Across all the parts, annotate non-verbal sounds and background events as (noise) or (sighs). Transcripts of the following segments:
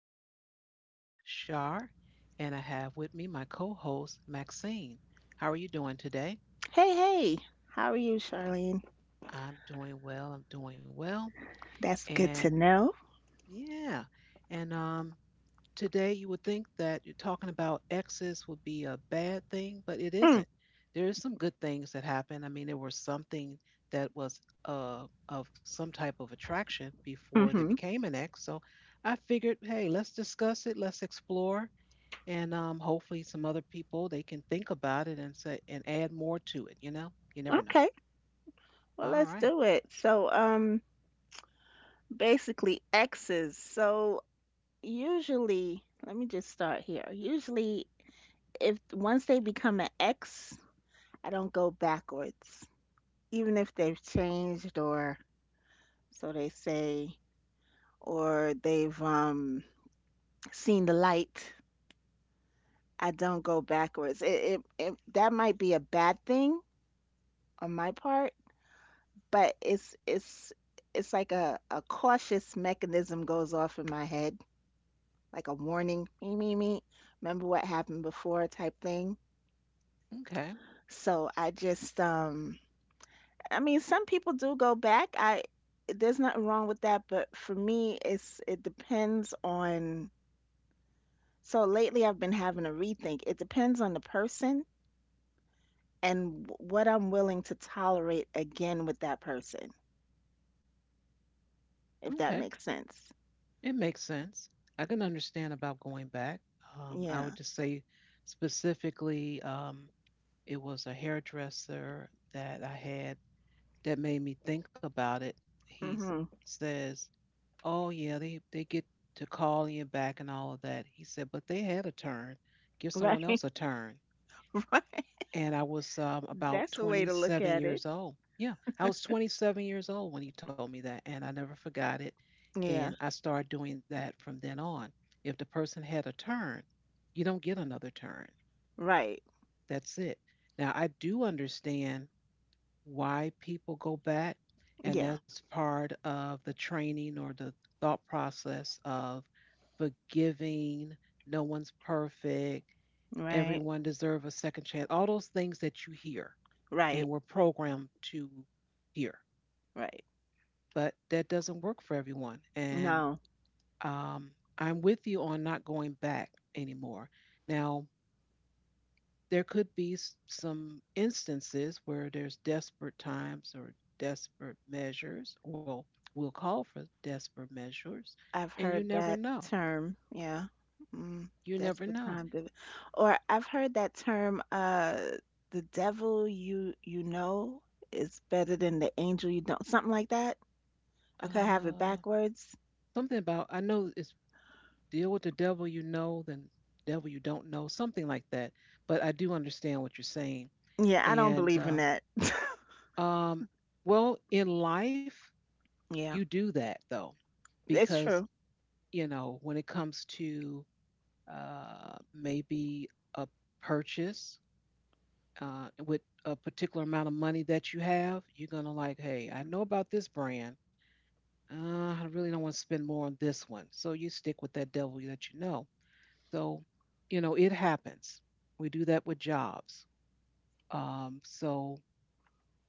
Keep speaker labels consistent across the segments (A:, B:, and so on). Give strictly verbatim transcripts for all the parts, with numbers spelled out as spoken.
A: and I'm your host, Shar, and I have with me my co host, Maxine. How are you doing today?
B: Hey, hey, how are you, Charlene?
A: I'm doing well. I'm doing well.
B: That's good to
A: And
B: know.
A: yeah, and um, Today you would think that you're talking about exes would be a bad thing, but it
B: Mm,
A: isn't. There is some good things that happen. I mean, there was something that was uh, of some type of attraction before they
B: mm-hmm.
A: became an ex. So I figured, hey, let's discuss it, let's explore, and um, hopefully some other people they can think about it and say and add more to it. You know, you never know.
B: Okay, well, let's
A: All right.
B: do it. So, um, basically exes. So usually, let me just start here. Usually, if once they become an ex, I don't go backwards, even if they've changed or so they say, or they've um seen the light. I don't go backwards. It, it, it that might be a bad thing on my part but it's it's it's like a, a cautious mechanism goes off in my head, like a warning, me me me. Remember what happened before type thing.
A: Okay.
B: So I just um I mean some people do go back. I there's nothing wrong with that, but for me it's it depends on so lately I've been having a rethink. It depends on the person and w- what I'm willing to tolerate again with that person, if
A: Okay.
B: that makes sense.
A: It makes sense. I can understand about going back. Um, I would
B: Yeah.
A: just say specifically, um, it was a hairdresser that I had that made me think about it. He s-
B: Mhm.
A: says, "Oh yeah, they they get to call you back and all of that." He said, "But they had a turn. Give someone
B: Right.
A: else a turn."
B: (laughs) Right.
A: and I was um, about
B: That's a way to look
A: twenty-seven
B: at it.
A: years old. Yeah, I was twenty-seven years old when he told me that, and I never forgot it. And
B: Yeah,
A: I started doing that from then on. If the person had a turn, you don't get another turn.
B: right.
A: That's it. Now, I do understand why people go back, and
B: Yeah,
A: that's part of the training or the thought process of forgiving. No one's perfect.
B: right,
A: Everyone deserves a second chance. All those things that you hear and
B: right,
A: we're programmed to hear.
B: right.
A: But that doesn't work for everyone. And
B: No,
A: um, I'm with you on not going back anymore. Now, there could be some instances where there's desperate times or desperate measures. Well, we'll call for desperate measures,
B: I've
A: and you
B: heard
A: never
B: that
A: know.
B: term. Yeah, mm,
A: You
B: that's
A: never
B: what
A: know.
B: time to. Or I've heard that term. Uh, the devil you you know is better than the angel you don't. Something like that. I could have it
A: Uh,
B: backwards.
A: Something about, I know it's deal with the devil you know then devil you don't know, something like that. But I do understand what you're saying.
B: Yeah, I don't
A: And
B: believe in
A: um,
B: that. (laughs)
A: um, well, in life, you
B: Yeah,
A: do that though,
B: it's
A: because,
B: true.
A: you know, when it comes to uh, maybe a purchase uh, with a particular amount of money that you have, you're going to like, hey, I know about this brand. Uh, I really don't want to spend more on this one. So you stick with that devil that you know. So, you know, it happens. We do that with jobs. Um, so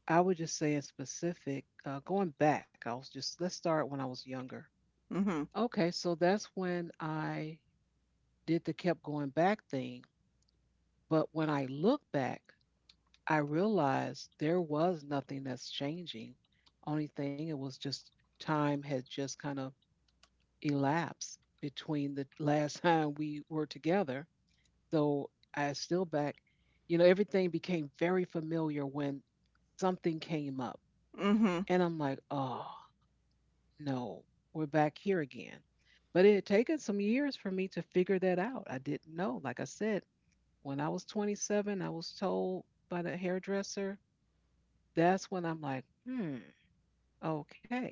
A: I would just say in specific, uh, going back, I was just, let's start when I was younger.
B: Mhm.
A: Okay, so that's when I did the kept going back thing. But when I look back, I realized there was nothing that's changing. Only thing, it was just time had just kind of elapsed between the last (laughs) time we were together. So I still back, you know, everything became very familiar when something came up.
B: Mhm.
A: And I'm like, oh, no, we're back here again. But it had taken some years for me to figure that out. I didn't know. Like I said, when I was twenty-seven, I was told by the hairdresser. That's when I'm like, hmm, okay.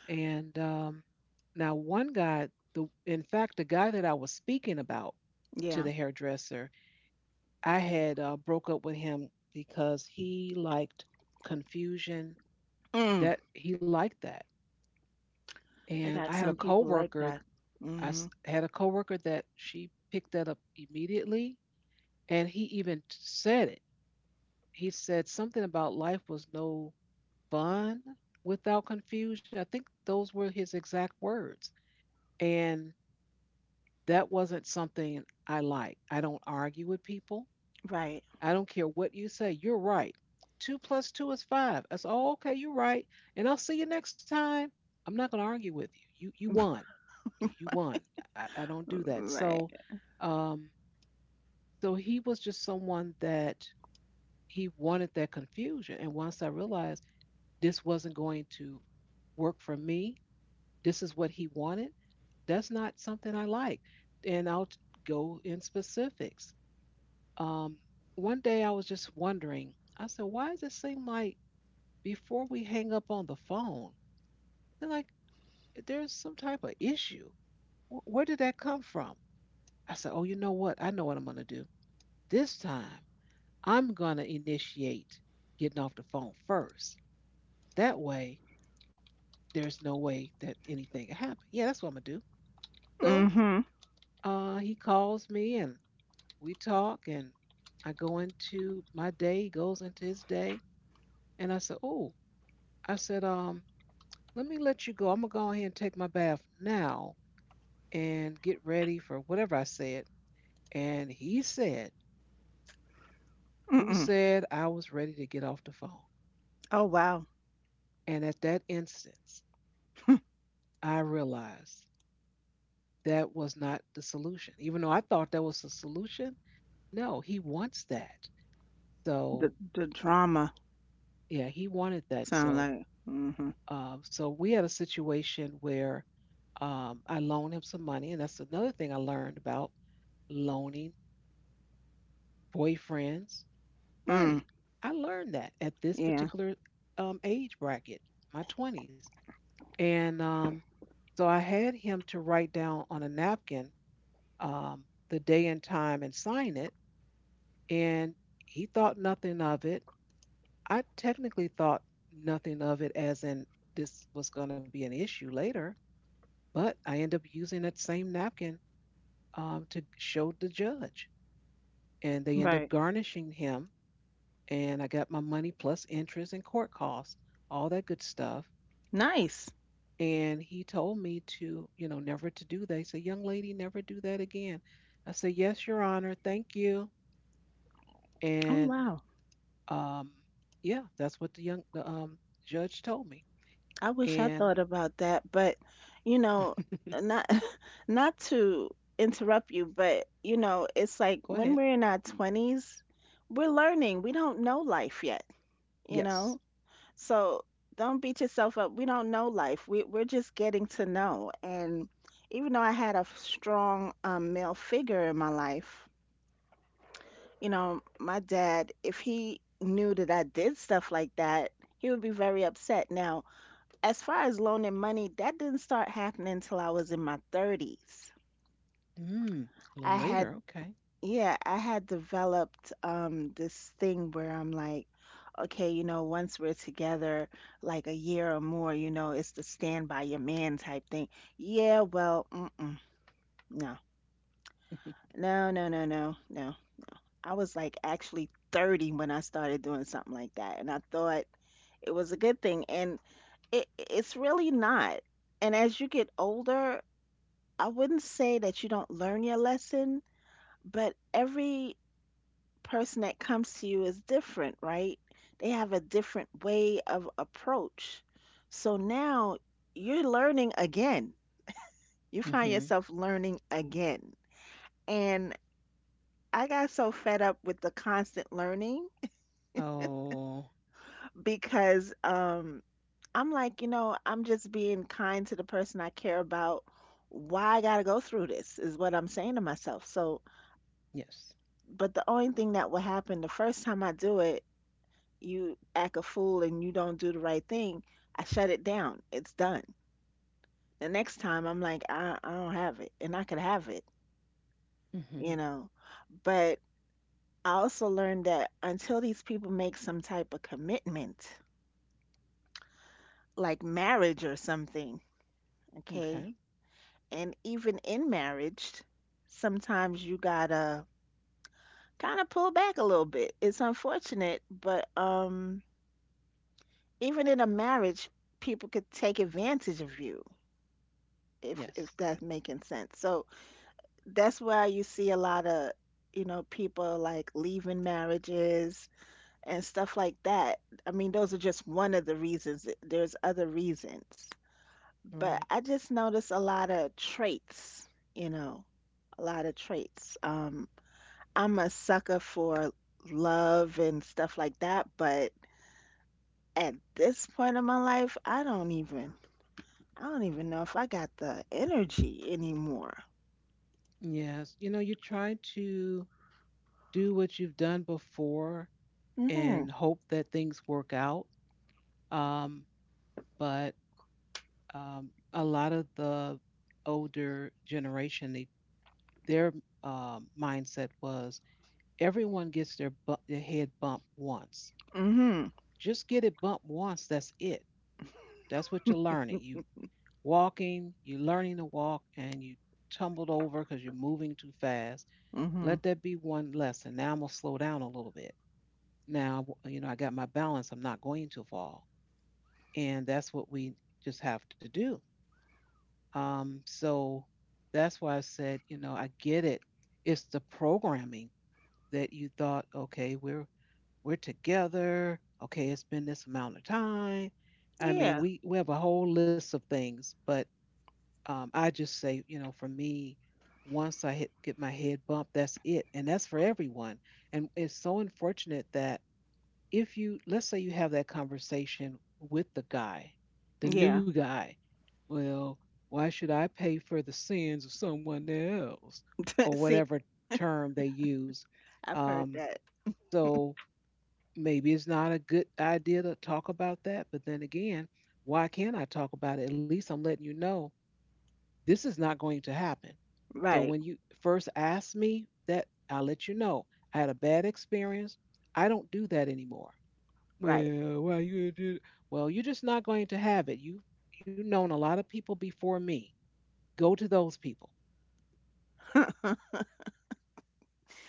A: And um, Now, one guy, the in fact, the guy that I was speaking about to
B: Yeah.
A: the hairdresser, I had uh, broke up with him because he liked confusion.
B: Mm.
A: That he liked that.
B: They
A: And I
B: got
A: had a
B: some people like
A: coworker
B: that.
A: I s-
B: Mhm.
A: had a coworker that she picked that up immediately, and he even said it. He said something about life was no fun without confusion. I think those were his exact words. And that wasn't something I like. I don't argue with people.
B: Right.
A: I don't care what you say. You're right. Two plus two is five. I said, oh, okay, you're right. And I'll see you next time. I'm not going to argue with you. You you won. You, you won. I, I don't do that. So
B: Right.
A: um, so he was just someone that he wanted that confusion. And once I realized this wasn't going to work for me, this is what he wanted, that's not something I like. And I'll t- go in specifics. Um, One day I was just wondering, I said, why does it seem like before we hang up on the phone, they're like there's some type of issue? Wh- Where did that come from? I said, oh, you know what? I know what I'm going to do. This time I'm going to initiate getting off the phone first. That way, there's no way that anything can happen. Yeah, that's what I'm going to do. So
B: Mhm.
A: uh, he calls me and we talk, and I go into my day. He goes into his day. And I said, oh, I said, um, let me let you go. I'm going to go ahead and take my bath now and get ready for whatever I said. And he said, who
B: Mm-mm.
A: said I was ready to get off the phone?
B: Oh, wow.
A: And at that instance,
B: (laughs)
A: I realized that was not the solution. Even though I thought that was the solution, no, he wants that.
B: The
A: So
B: the drama
A: yeah, he wanted that.
B: sound
A: So
B: like mhm.
A: um, so we had a situation where um, I loaned him some money, and that's another thing I learned about loaning boyfriends
B: Mm.
A: money. I learned that at this
B: Yeah.
A: particular um, age bracket, my twenties, and um, so I had him to write down on a napkin um, the day and time and sign it and he thought nothing of it. I technically thought nothing of it as in this was going to be an issue later, but I end up using that same napkin um, to show the judge, and they end up
B: Right.
A: garnishing him, and I got my money plus interest and court costs, all that good stuff.
B: Nice.
A: And he told me to, you know, never to do that. He said, "Young lady, never do that again." I said, "Yes, Your Honor, thank you."
B: Oh,
A: And
B: wow.
A: um, yeah, that's what the young the um judge told me.
B: I wish I
A: And
B: thought about that, but you know, not (laughs) not to interrupt you, but you know, it's like
A: go
B: when
A: ahead.
B: we're in our twenties, we're learning. We don't know life yet, you
A: Yes.
B: know? So don't beat yourself up. We don't know life. We we're just getting to know. And even though I had a strong um, male figure in my life, you know, my dad, if he knew that I did stuff like that, he would be very upset. Now, as far as loaning money, that didn't start happening until I was in my thirties.
A: Mm, a little
B: I had
A: later. Okay.
B: Yeah, I had developed um this thing where I'm like, okay, you know, once we're together like a year or more, you know, it's the stand by your man type thing. Yeah, well, mm-mm, no.
A: (laughs)
B: No, no, no, no, no. I was like actually thirty when I started doing something like that, and I thought it was a good thing, and it it's really not. And as you get older, I wouldn't say that you don't learn your lesson, but every person that comes to you is different, right? They have a different way of approach. So now you're learning again. You find
A: Mm-hmm.
B: yourself learning again. And I got so fed up with the constant learning
A: Oh,
B: because um, I'm like, you know, I'm just being kind to the person I care about. Why I got to go through this is what I'm saying to myself. So,
A: yes.
B: but the only thing that will happen the first time I do it you act a fool and you don't do the right thing, I shut it down. It's done. The next time I'm like, I, I don't have it and I could have it,
A: Mm-hmm.
B: you know. But I also learned that until these people make some type of commitment, like marriage or something,
A: Okay.
B: okay? And even in marriage, sometimes you gotta kind of pull back a little bit. It's unfortunate, but um, even in a marriage, people could take advantage of you if
A: Yes.
B: if that's making sense. So that's why you see a lot of, you know, people like leaving marriages and stuff like that. I mean, those are just one of the reasons. There's other reasons.
A: Right.
B: But I just notice a lot of traits, you know, a lot of traits. Um, I'm a sucker for love and stuff like that, but at this point in my life, I don't even I don't even know if I got the energy anymore.
A: Yes. You know, you try to do what you've done before
B: Mhm.
A: and hope that things work out. Um, but um, a lot of the older generation, they, their um mindset was, everyone gets their, bu- their head bumped once.
B: Mhm.
A: Just get it bumped once. That's it. That's what you're learning. You walking, you're learning to walk, and you tumbled over because you're moving too fast.
B: Mm-hmm.
A: Let that be one lesson. Now I'm gonna slow down a little bit. Now you know I got my balance. I'm not going to fall, and that's what we just have to do. Um, so that's why I said, you know, I get it. It's the programming that you thought, okay, we're we're together. Okay, it's been this amount of time. I mean,
B: Yeah.
A: we we have a whole list of things, but um, I just say, you know, for me, once I hit get my head bumped, that's it, and that's for everyone. And it's so unfortunate that if you, let's say you have that conversation with the guy, the new
B: Yeah.
A: guy, well, why should I pay for the sins of someone else,
B: (laughs)
A: or
B: See,
A: whatever term they use?
B: I've heard
A: Um,
B: that.
A: so maybe it's not a good idea to talk about that. But then again, why can't I talk about it? At least I'm letting you know this is not going to happen. So
B: Right.
A: when you first asked me that, I'll let you know I had a bad experience. I don't do that anymore.
B: Right.
A: Well, why you do? Well, you're just not going to have it. You you known a lot of people before me. Go to those people.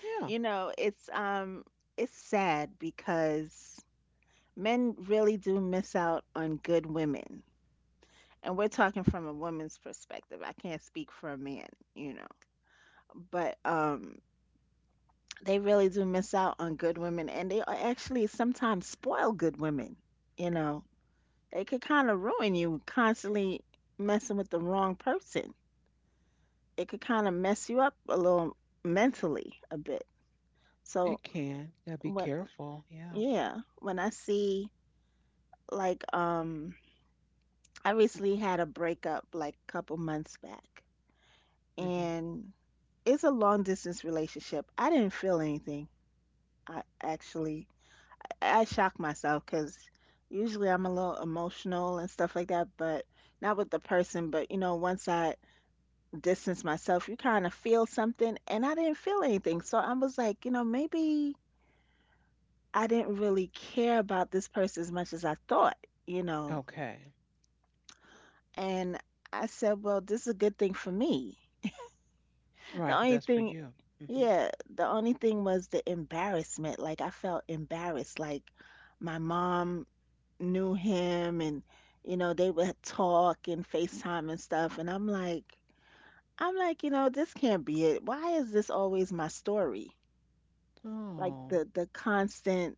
A: Yeah,
B: You know, it's um it's sad because men really do miss out on good women. And we're talking from a woman's perspective. I can't speak for a man, you know. But um they really do miss out on good women and they are actually sometimes spoil good women, you know. They could kind of ruin you constantly messing with the wrong person. It could kind of mess you up a little mentally a bit.
A: it
B: So
A: can. Yeah, be
B: when
A: careful. Yeah.
B: yeah, when I see like um I recently had a breakup like a couple months back
A: Hmm.
B: and it's a long distance relationship. I didn't feel anything. I actually I shocked myself cuz usually I'm a little emotional and stuff like that, but not with the person, but you know, once I distance myself, you kind of feel something and I didn't feel anything. So I was like, you know, maybe I didn't really care about this person as much as I thought, you know.
A: Okay.
B: And I said, well, this is a good thing for me.
A: Right,
B: The
A: 'cause that's
B: only
A: for
B: thing,
A: you.
B: yeah, the only thing was the embarrassment. Like I felt embarrassed. Like my mom knew him and, you know, they would talk and FaceTime and stuff. And I'm like, I'm like, you know, this can't be it. Why is this always my story? Like
A: Hmm.
B: the the constant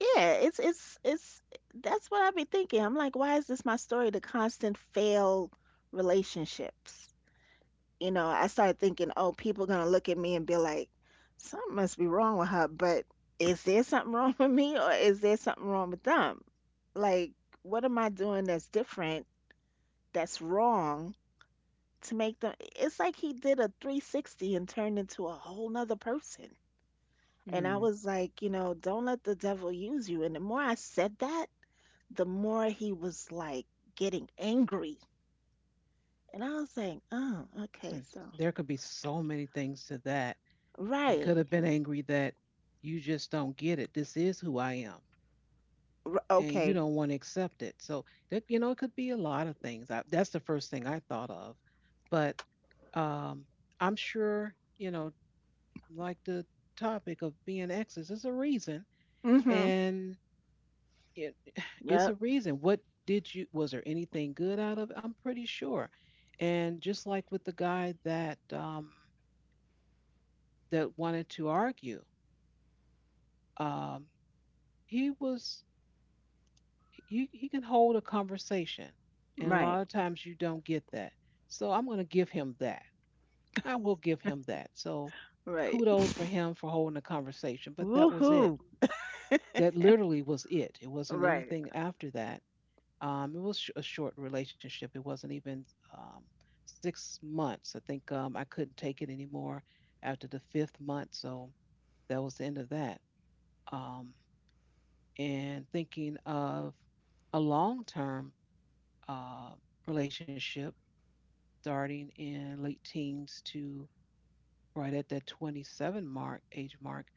B: Yeah, it's it's it's that's what I've been thinking. I'm like, why is this my story? The constant failed relationships. You know, I started thinking, oh, people gonna look at me and be like, something must be wrong with her. But is there something (laughs) wrong with me, or is there something wrong with them? Like, what am I doing that's different, that's wrong to make them? It's like he did a three sixty and turned into a whole nother person. And I
A: Hmm.
B: was like, you know, don't let the devil use you. And the more I said that, the more he was like getting angry. And I was like, oh, okay,
A: and
B: so,
A: There could be so many things to that. He
B: right.
A: could have been angry that you just don't get it. This is who I am,
B: R-
A: and you
B: okay.
A: don't want to accept it. So that you know, it could be a lot of things. I, that's the first thing I thought of. But um, I'm sure you know, like the topic of being exes is a reason,
B: Mm-hmm.
A: and it, (sighs) it's
B: Yep.
A: a reason. What did you? Was there anything good out of it? I'm pretty sure. And just like with the guy that um, that wanted to argue. Um, he was he, he can hold a conversation, and a lot
B: Right.
A: of times you don't get that. So I'm going to give him that. I will give him that. So
B: Right.
A: kudos for him for holding a conversation. But that was it.
B: Woohoo.
A: That literally was it. It wasn't
B: Right.
A: anything after that. Um, it was sh- a short relationship. It wasn't even um, six months. I think um, I couldn't take it anymore after the fifth month. So that was the end of that. Um, and thinking of a long term uh, relationship starting in late teens to right at that twenty-seven mark age mark.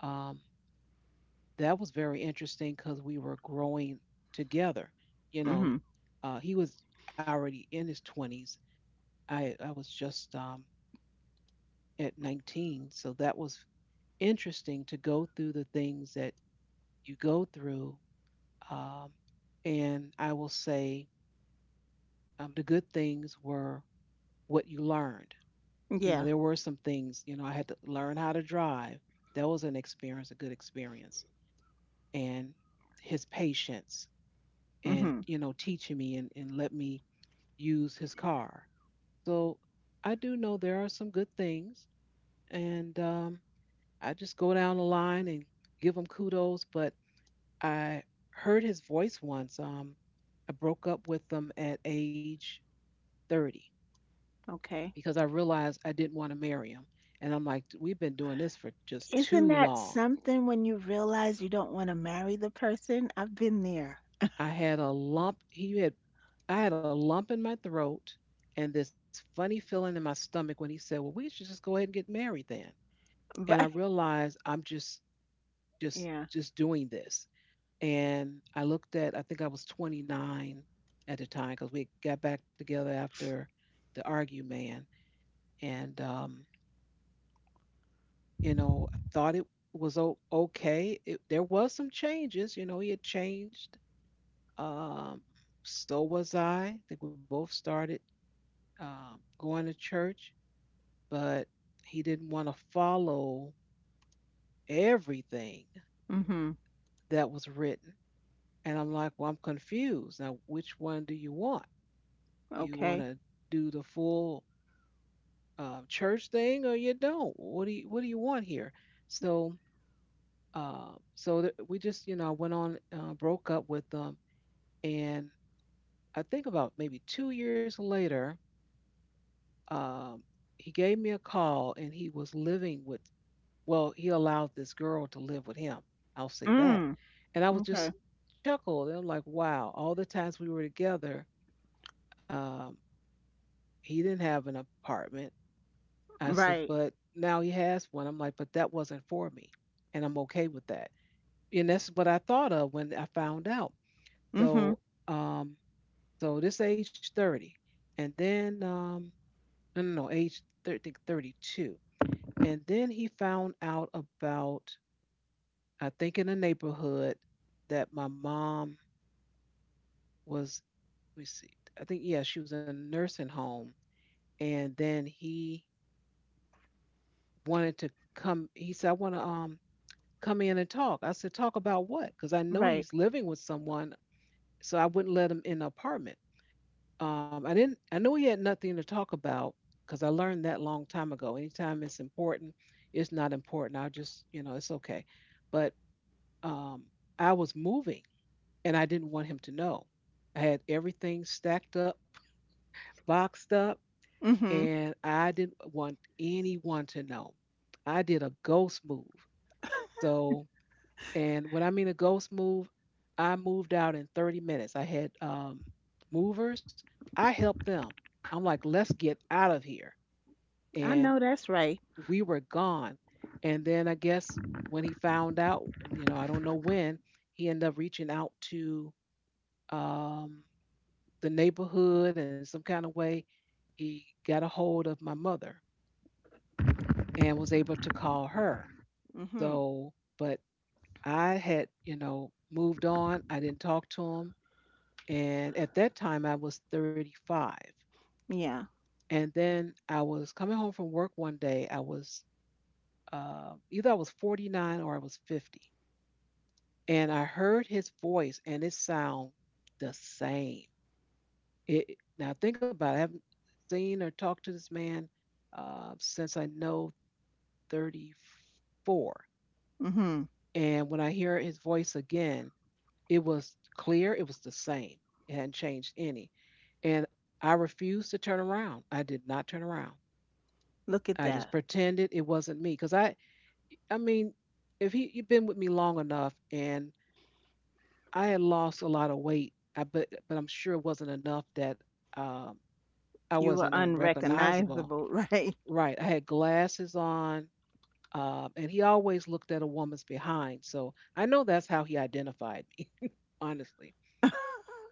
A: um, that was very interesting because we were growing together. you know
B: Mm-hmm.
A: uh, he was already in his twenties. i, I was just um, at nineteen, so that was interesting to go through the things that you go through. um, and I will say, Um, the good things were what you learned. You know,
B: Yeah.
A: there were some things, you know, I had to learn how to drive. That was an experience, a good experience. And his patience and,
B: Mm-hmm.
A: you know, teaching me, and, and let me use his car. So I do know there are some good things. And um, I just go down the line and give him kudos. But I heard his voice once. Um, I broke up with him at age thirty,
B: Okay.
A: because I realized I didn't want to marry him. And I'm like, we've been doing this for just too
B: Isn't that
A: long.
B: something when you realize you don't want to marry the person? I've been there. (laughs)
A: I had a lump. He had, I had a lump in my throat and this funny feeling in my stomach when he said, well, we should just go ahead and get married then. And I
B: But
A: realized I'm just, just,
B: yeah.
A: just doing this. And I looked at, I think I was twenty-nine at the time because we got back together after the Argue Man. And um, you know, I thought it was o- okay. It, there was some changes, you know, he had changed. Um, so was I. I think we both started um, going to church, but he didn't want to follow everything
B: Mm-hmm.
A: that was written. And I'm like, well, I'm confused. Now, which one do you want? You want
B: Okay.
A: to do the full uh, church thing, or you don't? What do you What do you want here? So uh, so th- we just, you know, I went on, uh, broke up with them. And I think about maybe two years later, um, he gave me a call and he was living with — well, he allowed this girl to live with him. I'll say that.
B: Mm.
A: And I was
B: Okay.
A: just chuckled. And I'm like, wow, all the times we were together, um, he didn't have an apartment. I said,
B: Right.
A: but now he has one. I'm like, but that wasn't for me. And I'm okay with that. And that's what I thought of when I found out.
B: Mm-hmm.
A: So, um, so this age thirty. And then um, no, no, no, age thir- think thirty-two. And then he found out about, I think, in the neighborhood that my mom was, let me see, I think, yeah, she was in a nursing home. And then he wanted to come. He said, I want to um, come in and talk. I said, talk about what? Because I know
B: Right.
A: he's living with someone, so I wouldn't let him in the apartment. Um, I didn't. I knew he had nothing to talk about because I learned that long time ago. Anytime it's important, it's not important. I'll just, you know, it's okay. But um, I was moving, and I didn't want him to know. I had everything stacked up, boxed up,
B: Mm-hmm.
A: and I didn't want anyone to know. I did a ghost move. So, and when I mean a ghost move, I moved out in thirty minutes. I had um, movers. I helped them. I'm like, let's get out of here.
B: I
A: And
B: know that's right.
A: we were gone. And then I guess when he found out, you know, I don't know when, he ended up reaching out to um, the neighborhood and some kind of way. He got a hold of my mother and was able to call her.
B: Mm-hmm.
A: So, but I had, you know, moved on. I didn't talk to him. And at that time, I was thirty-five.
B: Yeah.
A: And then I was coming home from work one day. I was uh, either I was forty-nine or I was fifty. And I heard his voice, and it sounded the same. It, now, think about it. I haven't seen or talked to this man uh, since I know thirty-four.
B: Mm-hmm.
A: And when I hear his voice again, it was clear, it was the same. It hadn't changed any. And I refused to turn around. I did not turn around.
B: Look at
A: I just
B: that.
A: pretended it wasn't me because I, I mean, if he you've been with me long enough, and I had lost a lot of weight, I but but I'm sure it wasn't enough that um, I
B: You
A: wasn't
B: were
A: unrecognizable.
B: unrecognizable, (laughs) right?
A: Right, I had glasses on, um, and he always looked at a woman's behind, so I know that's how he identified me, honestly.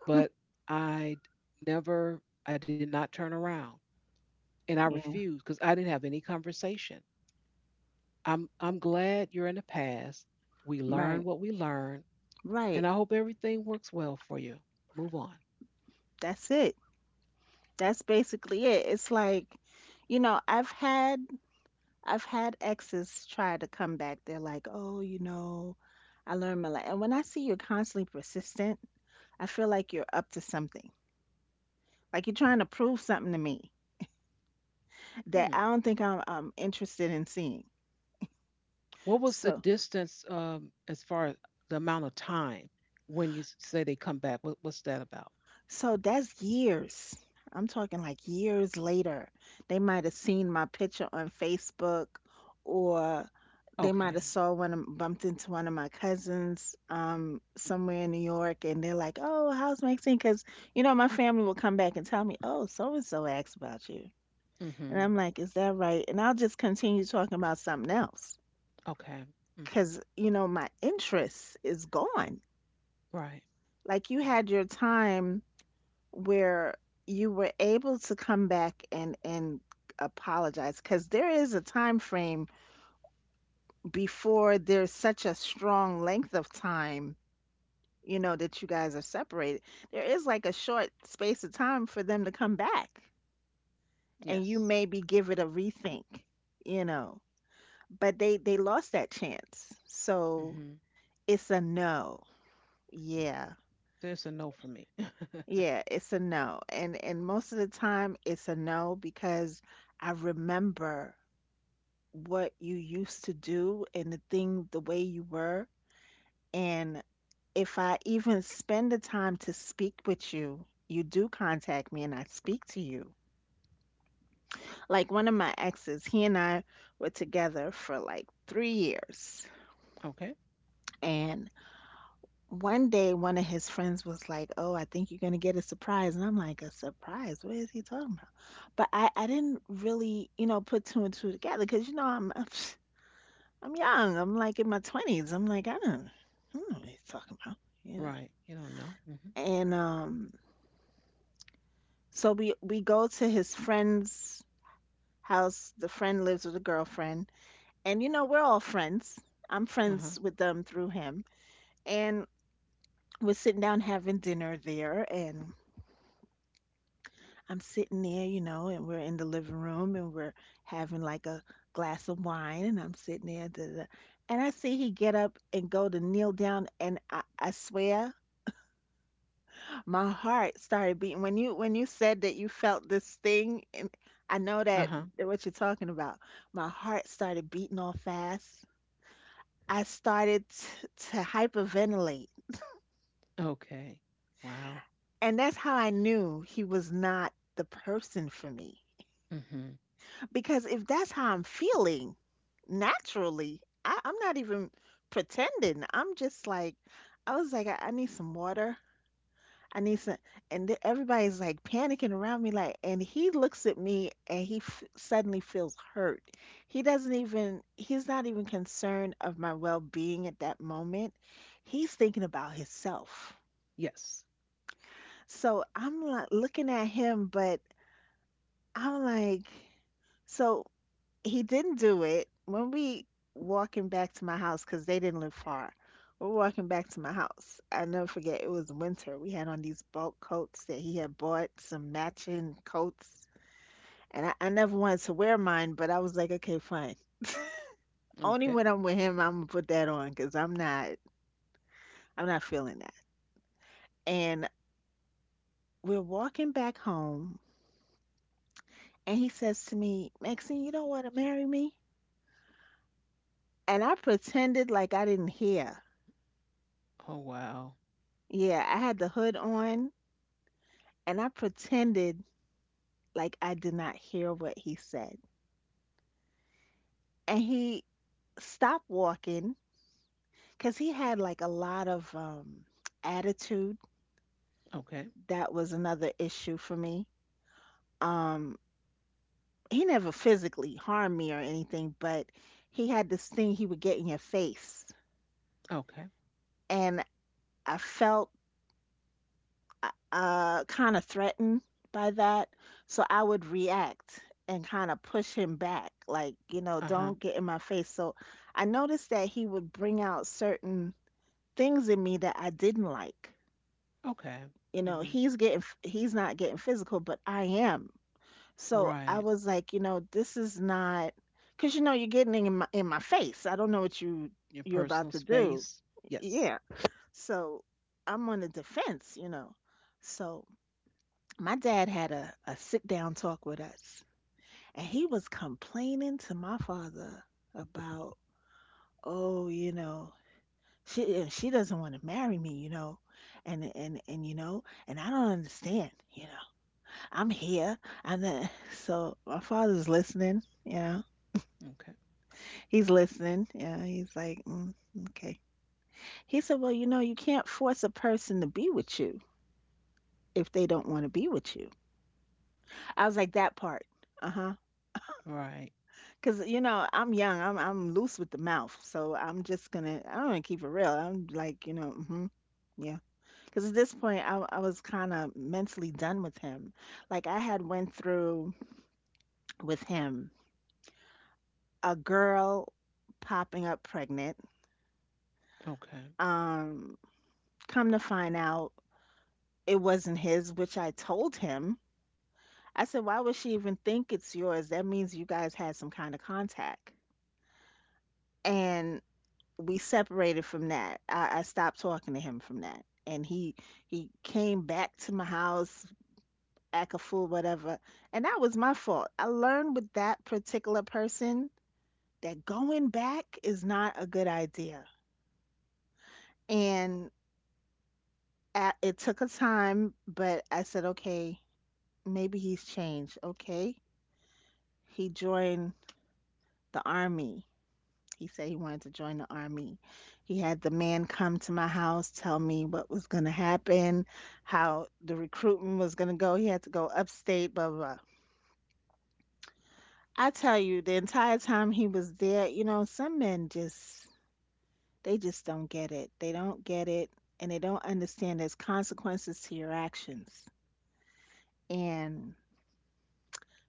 A: But I never, I did not turn around, and I
B: Yeah,
A: refused because I didn't have any conversation. I'm I'm glad you're in the past. We learn
B: right,
A: what we learn,
B: right.
A: and I hope everything works well for you. Move on.
B: That's it. That's basically it. It's like, you know, I've had I've had exes try to come back. They're like, oh, you know, I learned my lesson. And when I see you're constantly persistent, I feel like you're up to something. Like you're trying to prove something to me
A: Hmm.
B: that I don't think I'm, I'm interested in seeing.
A: What was the
B: So,
A: distance um, as far as the amount of time when you s- say they come back? What, what's that about?
B: so that's years. I'm talking like years later. They might have seen my picture on Facebook or they
A: Okay.
B: might have saw one of, bumped into one of my cousins um somewhere in New York and they're like, "Oh, how's Maxine?" Because you know my family will come back and tell me, "Oh, so and so asked about you." And
A: Hmm.
B: I'm like, "Is that right?" And I'll just continue talking about something else,
A: Okay. Hmm.
B: because you know my interest is gone.
A: Right.
B: Like you
A: Mm-hmm.
B: had your time where you were able to come back and and apologize because there is a time frame before there's such a strong length of time you know that you guys are separated there is like a short space of time for them to come back and
A: Yes.
B: you maybe give it a rethink you know but they they lost that chance so
A: Hmm.
B: it's a no yeah
A: There's a no for me. (laughs)
B: yeah it's a no and and most of the time it's a no because I remember what you used to do and the thing the way you were and if I even spend the time to speak with you you do contact me and I speak to you like one of my exes he and I were together for like three years
A: Okay.
B: and one day one of his friends was like oh I think you're going to get a surprise and I'm like a surprise what is he talking about but I I didn't really you know put two and two together cuz you know I'm I'm young. I'm like in my twenties. I'm like, I don't, I don't know what he's talking about, you know.
A: Right. You don't know. Hmm.
B: And um, so we we go to his friend's house. The friend lives with a girlfriend, and you know we're all friends. I'm
A: Uh huh.
B: friends with them through him, and we're sitting down having dinner there, and I'm sitting there, you know, and we're in the living room, and we're having like a glass of wine, and I'm sitting there, da, da, da. And I see he get up and go to kneel down, and I, I swear my heart started beating when you when you said that you felt this thing, and I know
A: Uh
B: that
A: huh.
B: that what you're talking about. My heart started beating all fast. I started t to hyperventilate,
A: Okay. Wow.
B: and that's how I knew he was not the person for me.
A: Hmm.
B: Because if that's how I'm feeling naturally, I, I'm not even pretending. I'm just like, I was like, I, I need some water. I need some, and th- everybody's like panicking around me, like, and he looks at me and he f suddenly feels hurt. He doesn't even, he's not even concerned of my well-being at that moment. He's thinking about himself.
A: Yes.
B: So I'm like looking at him, but I'm like, so he didn't do it. When we walking back to my house, because they didn't live far, we're walking back to my house. I never forget, it was winter. We had on these bulk coats that he had bought, some matching coats. And I, I never wanted to wear mine, but I was like, okay, fine. Only
A: Okay.
B: when I'm with him, I'm gonna put that on, because I'm not, I'm not, feeling that. And we're walking back home, and he says to me, Maxine, you don't want to marry me? And I pretended like I didn't hear.
A: Oh, wow.
B: Yeah, I had the hood on and I pretended like I did not hear what he said. And he stopped walking because he had like a lot of um, attitude.
A: Okay.
B: That was another issue for me. Um, he never physically harmed me or anything, but he had this thing he would get in your face.
A: Okay.
B: And I felt uh, uh kind of threatened by that. So I would react and kind of push him back, like, you know,
A: Uh huh.
B: don't get in my face. So I noticed that he would bring out certain things in me that I didn't like.
A: Okay.
B: You know,
A: Hmm.
B: he's getting, he's not getting physical, but I am. So
A: Right.
B: I was like, you know, this is not, because you know, you're getting in my in my face. I don't know what you
A: Your
B: you're
A: personal
B: about to do.
A: space. Yes.
B: Yeah. So I'm on the defense, you know. So my dad had a, a sit down talk with us, and he was complaining to my father about, oh, you know, she and she doesn't want to marry me, you know, and and and you know, and I don't understand, you know, I'm here, and then (laughs) so my father's listening, you know,
A: Okay.
B: he's listening, you know, he's like, mm, okay. He said, well, you know, you can't force a person to be with you if they don't want to be with you. I was like, that part, uh huh.
A: Right.
B: 'Cause, you know, I'm young, I'm I'm loose with the mouth, so I'm just gonna I'm gonna keep it real. I'm like, you know, mhm. Cause at this point, I I was kinda mentally done with him. Like, I had went through with him a girl popping up pregnant.
A: Okay.
B: Um, Come to find out, it wasn't his, which I told him. I said, "Why would she even think it's yours? That means you guys had some kind of contact." And we separated from that. I, I stopped talking to him from that, and he he came back to my house, act a fool, whatever, and that was my fault. I learned with that particular person that going back is not a good idea, and a it took a time, but I said, okay, maybe he's changed. Okay, he joined the army He said he wanted to join the army. He had the man come to my house, tell me what was going to happen, how the recruitment was going to go. He had to go upstate, blah, blah, blah. I tell you, the entire time he was there, you know, some men just, they just don't get it. They don't get it and they don't understand there's consequences to your actions. And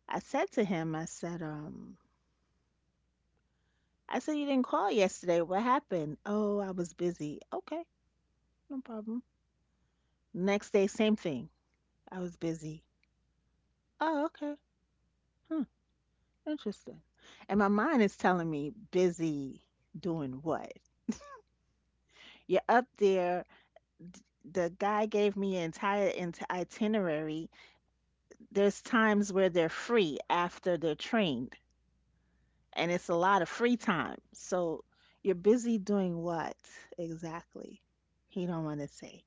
B: I said to him, I said, um, I said, you didn't call yesterday. What happened? Oh, I was busy. Okay, no problem. Next day, same thing. I was busy. Oh, okay. Hmm, interesting. And my mind is telling me busy doing what? You're up there. The guy gave me an entire int- itinerary. There's times where they're free after they're trained, and it's a lot of free time. So you're busy doing what exactly? He don't want to say.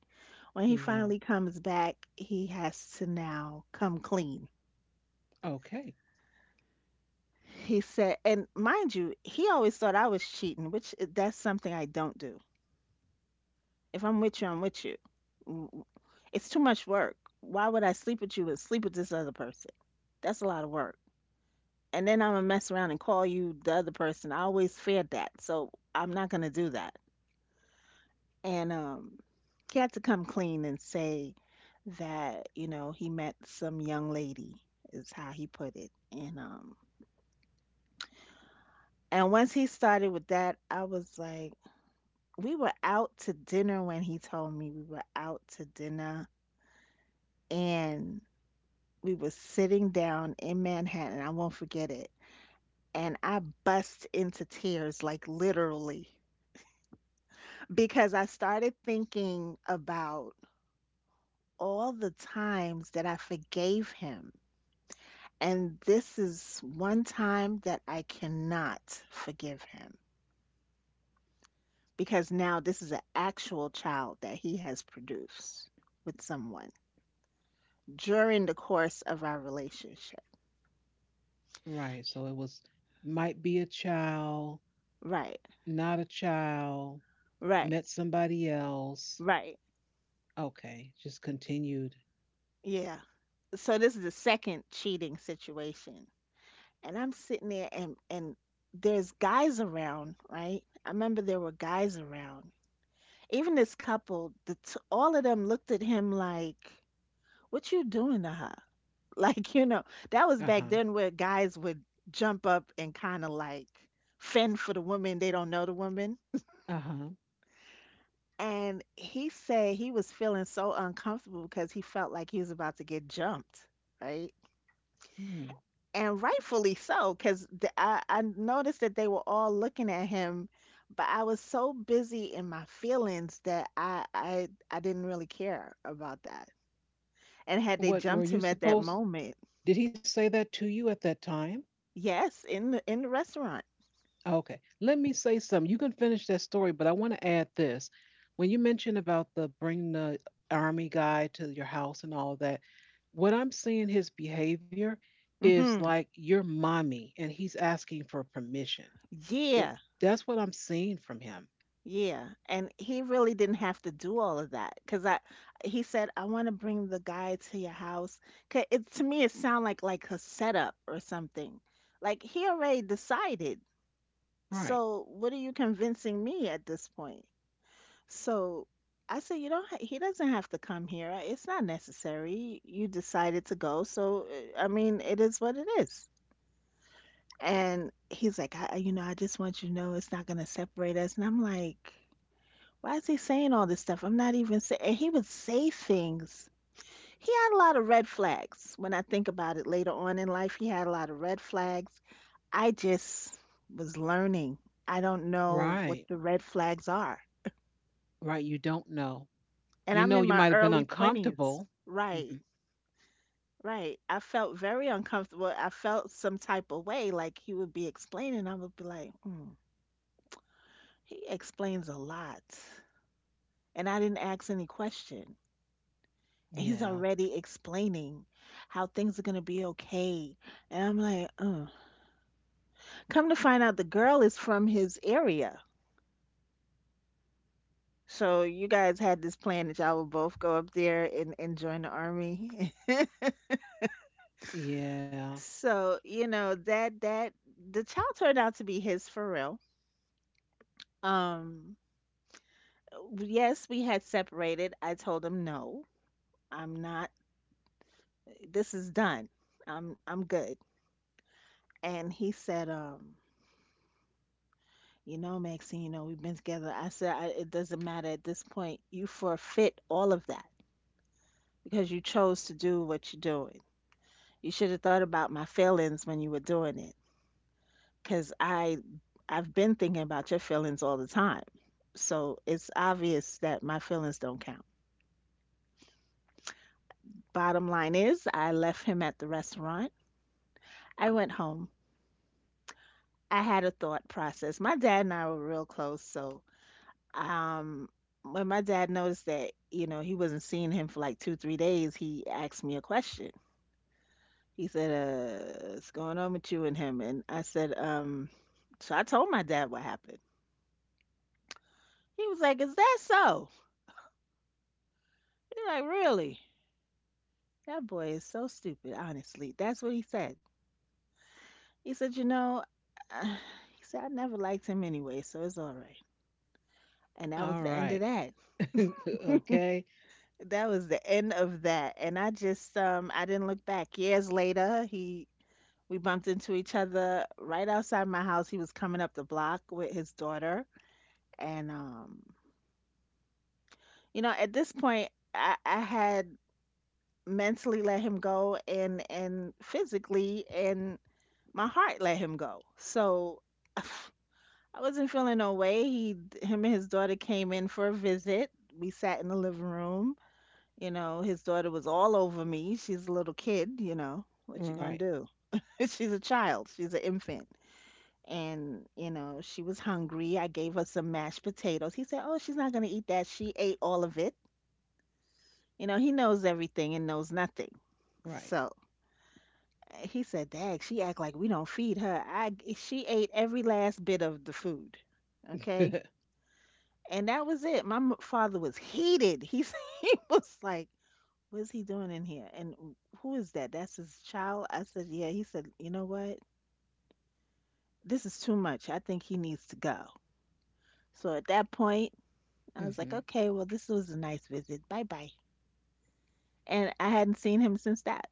B: When he
A: Yeah.
B: finally comes back, he has to now come clean.
A: Okay.
B: He said, and mind you, he always thought I was cheating, which i- that's something I don't do. If I'm with you, I'm with you. W- w- It's too much work. Why would I sleep with you and sleep with this other person? That's a lot of work. And then I'm gonna mess around and call you the other person. I always feared that, so I'm not gonna do that. And um, he had to come clean and say that you know he met some young lady is how he put it. And um, and once he started with that, I was like, we were out to dinner when he told me we were out to dinner and we were sitting down in Manhattan. I won't forget it. And I bust into tears, like literally, because I started thinking about all the times that I forgave him. And this is one time that I cannot forgive him because now this is an actual child that he has produced with someone. during the course of our relationship.
A: Right. So it was might be a child,
B: Right,
A: not a child,
B: right,
A: met somebody else.
B: right.
A: Okay. Just continued.
B: Yeah. So this is the second cheating situation. And I'm sitting there and and there's guys around, right? I remember there were guys around. Even this couple, the t- all of them looked at him like, "What you doing to her?" (laughs) Like, you know, that was
A: Uh-huh.
B: back then where guys would jump up and kind of like fend for the woman they don't know the woman.
A: Uh-huh.
B: And he said he was feeling so uncomfortable because he felt like he was about to get jumped, right?
A: Hmm.
B: And rightfully so, because I, I noticed that they were all looking at him, but I was so busy in my feelings that I, I I didn't really care about that. And had they
A: What were
B: jumped
A: you
B: him at that
A: supposed
B: moment,
A: did he say that to you at that time?
B: yes, in the in the restaurant.
A: Okay. Let me say something. You can finish that story, but I want to add this. When you mentioned about the bringing the army guy to your house and all that, what I'm seeing, his behavior is
B: Hmm.
A: like your mommy and he's asking for permission. It
B: Yeah.
A: That's what I'm seeing from him.
B: Yeah, and he really didn't have to do all of that because I he said I want to bring the guy to your house. 'Ca- It to me it sounded like like a setup or something. Like he already decided.
A: Right.
B: So what are you convincing me at this point? So I said you don't ha he doesn't have to come here. It's not necessary. You decided to go. So uh, I mean, it is what it is. And he's like, I, I- you know, I just want you to know it's not gonna separate us. And I'm like. Why is he saying all this stuff? I'm not even saying. And he would say things. He had a lot of red flags. When I think about it later on in life, he had a lot of red flags. I just was learning. I don't know what
A: Right.
B: the red flags are.
A: Right. You don't know.
B: And
A: You
B: I'm
A: know
B: in
A: you
B: my
A: might have been
B: early twenties.
A: uncomfortable.
B: Right,
A: Hmm.
B: right. I felt very uncomfortable. I felt some type of way, like he would be explaining. I would be like, mm. He explains a lot. And I didn't ask any question. And he's
A: Yeah.
B: already explaining how things are going to be okay. And I'm like, uh. Come to find out, the girl is from his area. So you guys had this plan that y'all would both go up there and, and join the army. (laughs)
A: Yeah.
B: So, you know, that that the child turned out to be his for real. Um yes, we had separated. I told him no. I'm not, this is done. I'm I'm good. And he said um you know, Maxine, you know, we've been together. I said, I, it doesn't matter at this point. You forfeit all of that because you chose to do what you're doing. You should have thought about my feelings when you were doing it because I, I've been thinking about your feelings all the time. So it's obvious that my feelings don't count. Bottom line is, I left him at the restaurant. I went home. I had a thought process. My dad and I were real close, so Um, when my dad noticed that, you know, he wasn't seeing him for like two, three days, he asked me a question. He said, uh, what's going on with you and him? And I said, um, so I told my dad what happened. He was like, is that so? He's like, really? That boy is so stupid, honestly. That's what he said. He said, you know, (sighs) he said, I never liked him anyway, so it's all right. And that was
A: All
B: the end of
A: right.
B: that.
A: (laughs) Okay.
B: That was the end of that. And I just, um, I didn't look back. Years later, he we bumped into each other right outside my house. He was coming up the block with his daughter. And, um, you know, at this point, I, I had mentally let him go and, and physically, and my heart let him go. So (sighs) I wasn't feeling no way. He, him and his daughter came in for a visit. We sat in the living room. You know, his daughter was all over me. She's a little kid, you know. What you
A: Right.
B: gonna do? (laughs) She's a child. She's an infant. and you know she was hungry. I gave her some mashed potatoes. He said, oh, she's not going to eat that. She ate all of it. you know he knows everything and knows nothing.
A: Right.
B: So uh, he said, dag, she act like we don't feed her. I g- she ate every last bit of the food. Okay.
A: (laughs)
B: And that was it. My m- father was heated. he, s- (laughs) he was like, what is he doing in here, and who is that? That's his child. I said, yeah. He said, you know what, this is too much, I think he needs to go. So at that point I was
A: Hmm.
B: like, okay, well, this was a nice visit. Bye bye. And I hadn't seen him since that.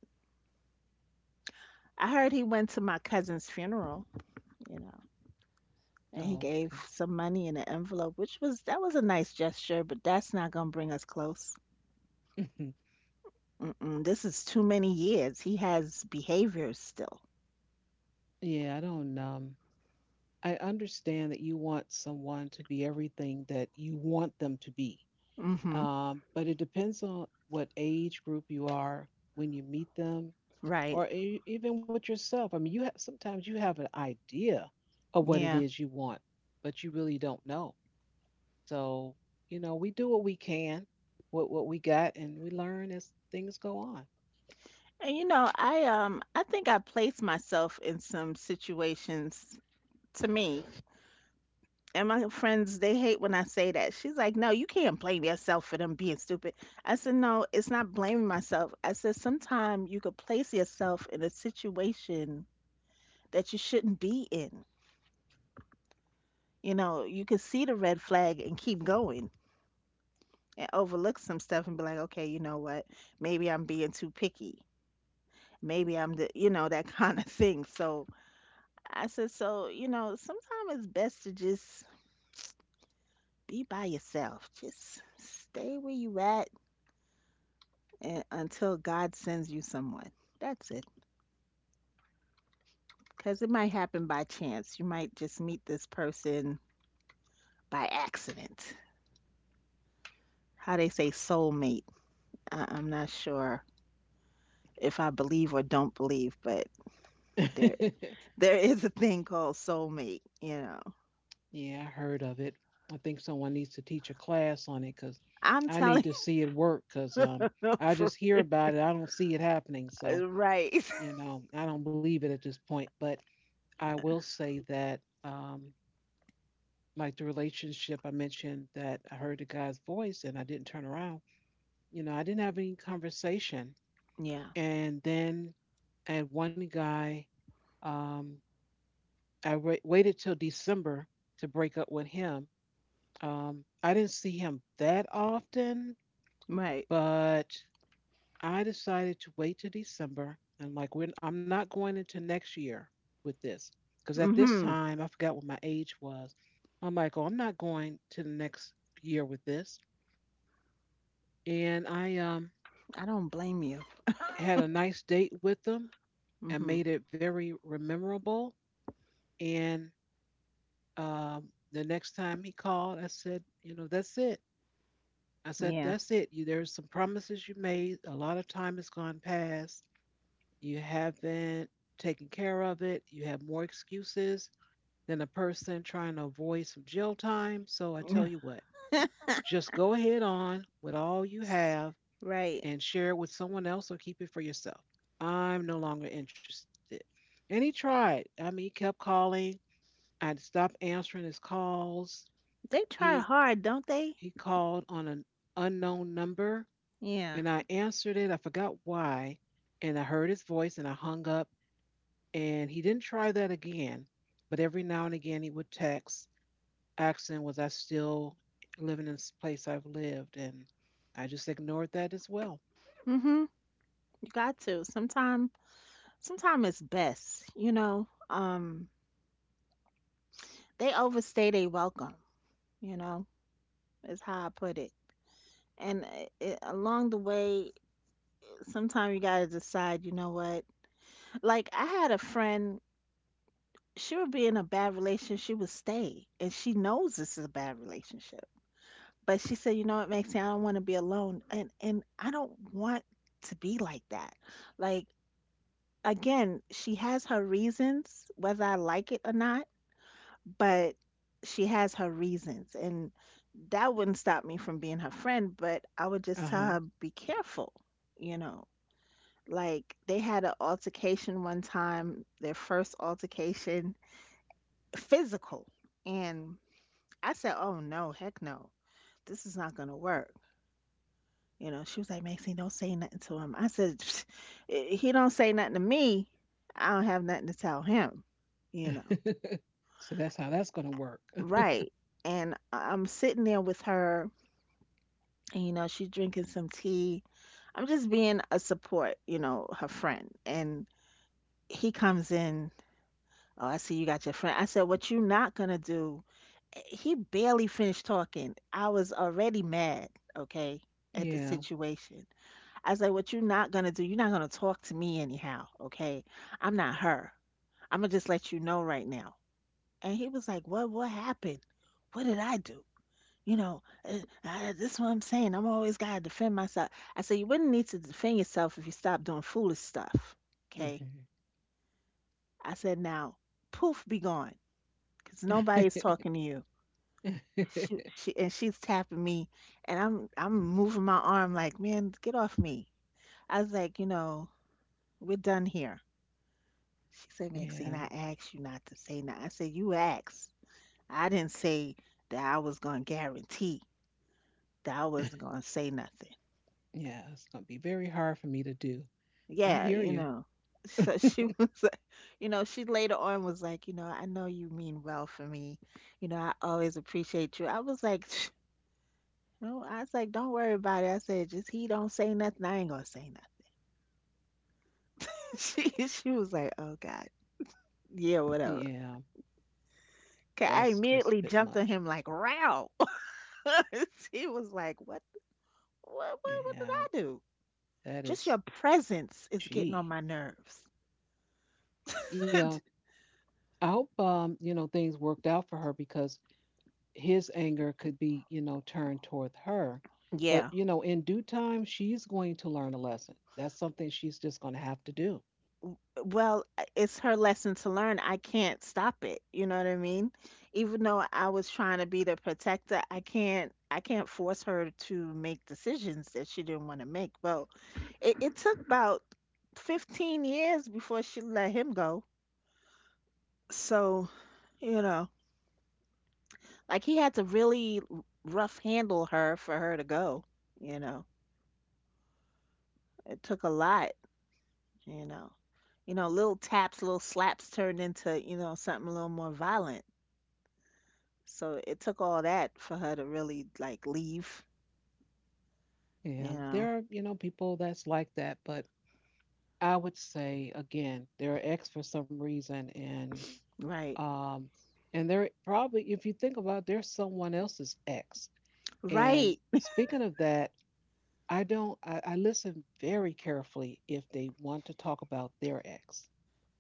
B: I heard he went to my cousin's funeral, you know, and he gave
A: Okay.
B: some money in an envelope, which was, that was a nice gesture, but that's not gonna bring us close.
A: Mhm.
B: Mm-mm, this is too many years. He has behaviors still.
A: Yeah, I don't. Um, I understand that you want someone to be everything that you want them to be.
B: Mm-hmm.
A: Um, but it depends on what age group you are when you meet them,
B: Right.
A: or e- even with yourself. I mean, you have sometimes you have an idea of what it
B: Yeah.
A: is you want, but you really don't know. So, you know, we do what we can, with what we got, and we learn as things go on.
B: And you know, I um I think I placed myself in some situations, to me. And my friends, they hate when I say that. She's like, no, you can't blame yourself for them being stupid. I said, no, it's not blaming myself. I said, sometimes you could place yourself in a situation that you shouldn't be in. You know, you could see the red flag and keep going and overlook some stuff and be like, okay, you know what? Maybe I'm being too picky. Maybe I'm the, you know, that (laughs) kind of thing. So I said, so, you know, sometimes it's best to just be by yourself. Just stay where you at and until God sends you someone. That's it. Because it might happen by chance. You might just meet this person by accident. How they say soulmate. I- I'm not sure if I believe or don't believe, but there
A: (laughs)
B: there is a thing called soulmate. You know,
A: Yeah, I heard of it. I think someone needs to teach a class on it because
B: I'm
A: I need
B: telling
A: to see it work. Because um,
B: (laughs) you,
A: I
B: for,
A: just hear about it, I don't see it happening. So,
B: right? (laughs)
A: you know, I don't believe it at this point. But I will say that, um, like the relationship I mentioned, that I heard the guy's voice and I didn't turn around. You know, I didn't have any conversation,
B: Yeah,
A: and then I had one guy Um, I wai- waited till December to break up with him. Um, I didn't see him that often,
B: right.
A: but I decided to wait till December. And like, when I'm not going into next year with this, because at this
B: Mm-hmm.
A: time I forgot what my age was. I'm like, oh, I'm not going to the next year with this. And I um,
B: I don't blame you.
A: had a nice date with them and
B: Mm-hmm.
A: made it very memorable. And um, the next time he called, I said, you know, that's it. I said,
B: Yeah.
A: that's it. You, there's some promises you made. A lot of time has gone past. You haven't taken care of it. You have more excuses than a person trying to avoid some jail time. So I tell you
B: (laughs)
A: what, just go ahead on with all you have
B: Right.
A: and share it with someone else or keep it for yourself. I'm no longer interested. And he tried. I mean, he kept calling. I stopped answering his calls.
B: They try
A: He
B: hard, don't they?
A: he called on an unknown number
B: Yeah.
A: and I answered it. I forgot why. And I heard his voice and I hung up. And he didn't try that again. But every now and again, he would text asking, was I still living in this place I've lived? And I just ignored that as well.
B: Mm-hmm. You got to. Sometimes Sometimes it's best, you know. Um, They overstay their welcome, you know, is how I put it. And it, it, along the way, sometimes you gotta decide, you know what? Like I had a friend, she would be in a bad relationship, she would stay, and she knows this is a bad relationship. But she said, you know what, Maxine, I don't want to be alone, and and I don't want to be like that. Like, again, she has her reasons, whether I like it or not, but she has her reasons, and that wouldn't stop me from being her friend, but I would just
A: Uh
B: tell
A: huh.
B: her be careful you know like they had an altercation one time, their first altercation, physical. And I said, oh no, heck no, this is not gonna work you know She was like, Maxine, don't say nothing to him. I said, psst, i- he don't say nothing to me, I don't have nothing to tell him you know
A: (laughs) So that's how that's going to work. (laughs)
B: right. And I- i'm sitting there with her, and you know she's drinking some tea. I'm just being a support you know her friend. And he comes in. Oh, I see you got your friend. I said, what you not gonna do. Eh, he barely finished talking, I was already mad. Okay. At the
A: Yeah.
B: situation. I was like, what you not gonna do, you're not gonna talk to me anyhow. Okay. I'm not her. I'm gonna just let you know right now. And he was like, what what happened, what did I do? you know, uh, uh, that's what I'm saying. I'm always gotta defend myself. I said, you wouldn't need to defend yourself if you stopped doing foolish stuff. Okay.
A: Hmm.
B: I said, now, poof, be gone, because
A: (laughs) Yeah.
B: nobody's talking to you. She, she, and she's tapping me, and I'm, I'm moving my arm like, man, get off me. I was like, you know, we're done here. She said,
A: Yeah.
B: Maxine, I asked you not to say that. I said, you asked. I didn't say that I was gonna guarantee that I wasn't gonna say nothing.
A: It's going to be very hard for me to do. I
B: yeah,
A: hear
B: you
A: you.
B: know. So she (laughs) was, like, you know, she later on was like, you know, I know you mean well for me. You know, I always appreciate you. I was like, (sniffs) no, I was like, don't worry about it. I said, just he don't say nothing, I ain't gonna say nothing. (laughs) She she was like, oh God, yeah, whatever.
A: Yeah.
B: 'Kay, I
A: That's just a
B: immediately
A: bit
B: jumped on
A: much.
B: him like, row. (laughs) He was like, what, what, what, what did
A: Yeah.
B: I do?
A: That
B: Just your
A: is,
B: presence is getting on
A: gee.
B: my nerves.
A: Yeah,
B: (laughs)
A: I hope um, you know things worked out for her because his anger could be, you know turned toward her, but
B: Yeah.
A: you know in due time she's going to learn a lesson. That's something she's just going to have to do.
B: Well, uh, it's her lesson to learn. I can't stop it. You know what I mean? Even though I was trying to be the protector, I can't I can't force her to make decisions that she didn't want to make. Well, it, it took about fifteen years before she let him go. So, you know, like, he had to really rough handle her for her to go, you know. It took a lot, you know. You know, little taps, little slaps turned into, you know, something a little more violent. So it took all that for her to really like leave, you
A: Yeah,
B: know.
A: there are, you know people that's like that, but I would say again they're ex for some reason, and
B: Right.
A: um, and they're probably, if you think about it, they're someone else's ex. And
B: Right.
A: speaking of that, I don't, I, I listen very carefully if they want to talk about their ex.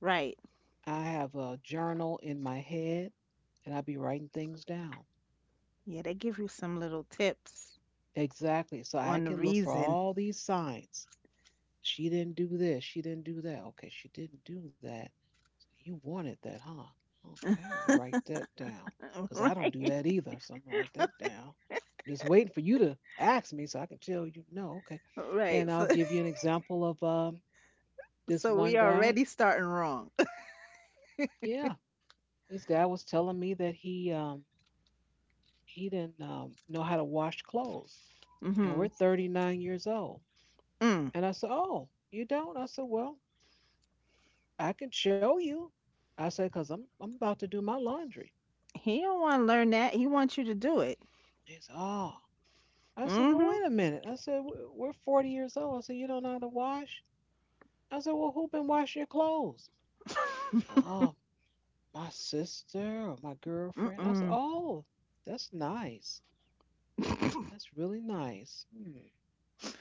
B: Right.
A: I have a journal in my head and I'll be writing things down.
B: Yeah, they give you some little tips
A: Exactly. So I
B: on the
A: can look for
B: reason.
A: all these signs. She didn't do this. She didn't do that. Okay. She didn't do that. So you wanted that, huh? Okay. Let me write that down
B: (laughs)
A: because I don't do
B: Right.
A: that either. So I'm going to write that down. I'm just waiting for you to ask me so I can tell you no. Okay.
B: Right.
A: And I'll
B: So,
A: give you an example of um,
B: (laughs)
A: this
B: so
A: one
B: we
A: guy.
B: already starting wrong. (laughs)
A: Yeah, this guy was telling me that he um he didn't um, know how to wash clothes, and we're
B: Mhm.
A: thirty-nine years old.
B: Mm.
A: And I said, "Oh, you don't?" I said, "Well, I can show you." I said, "Cause I'm I'm about to do my laundry."
B: He don't want to learn that. He wants you to do it.
A: He said, "Oh." I said, "Well,
B: Mhm.
A: wait a minute." I said, "We- "We're forty years old." I said, "You don't know how to wash?" I said, "Well, who been washing your clothes?" Oh,
B: (laughs)
A: my sister or my girlfriend. I said,
B: Mm-mm.
A: "Oh, that's nice.
B: (laughs)
A: That's really nice. Hmm.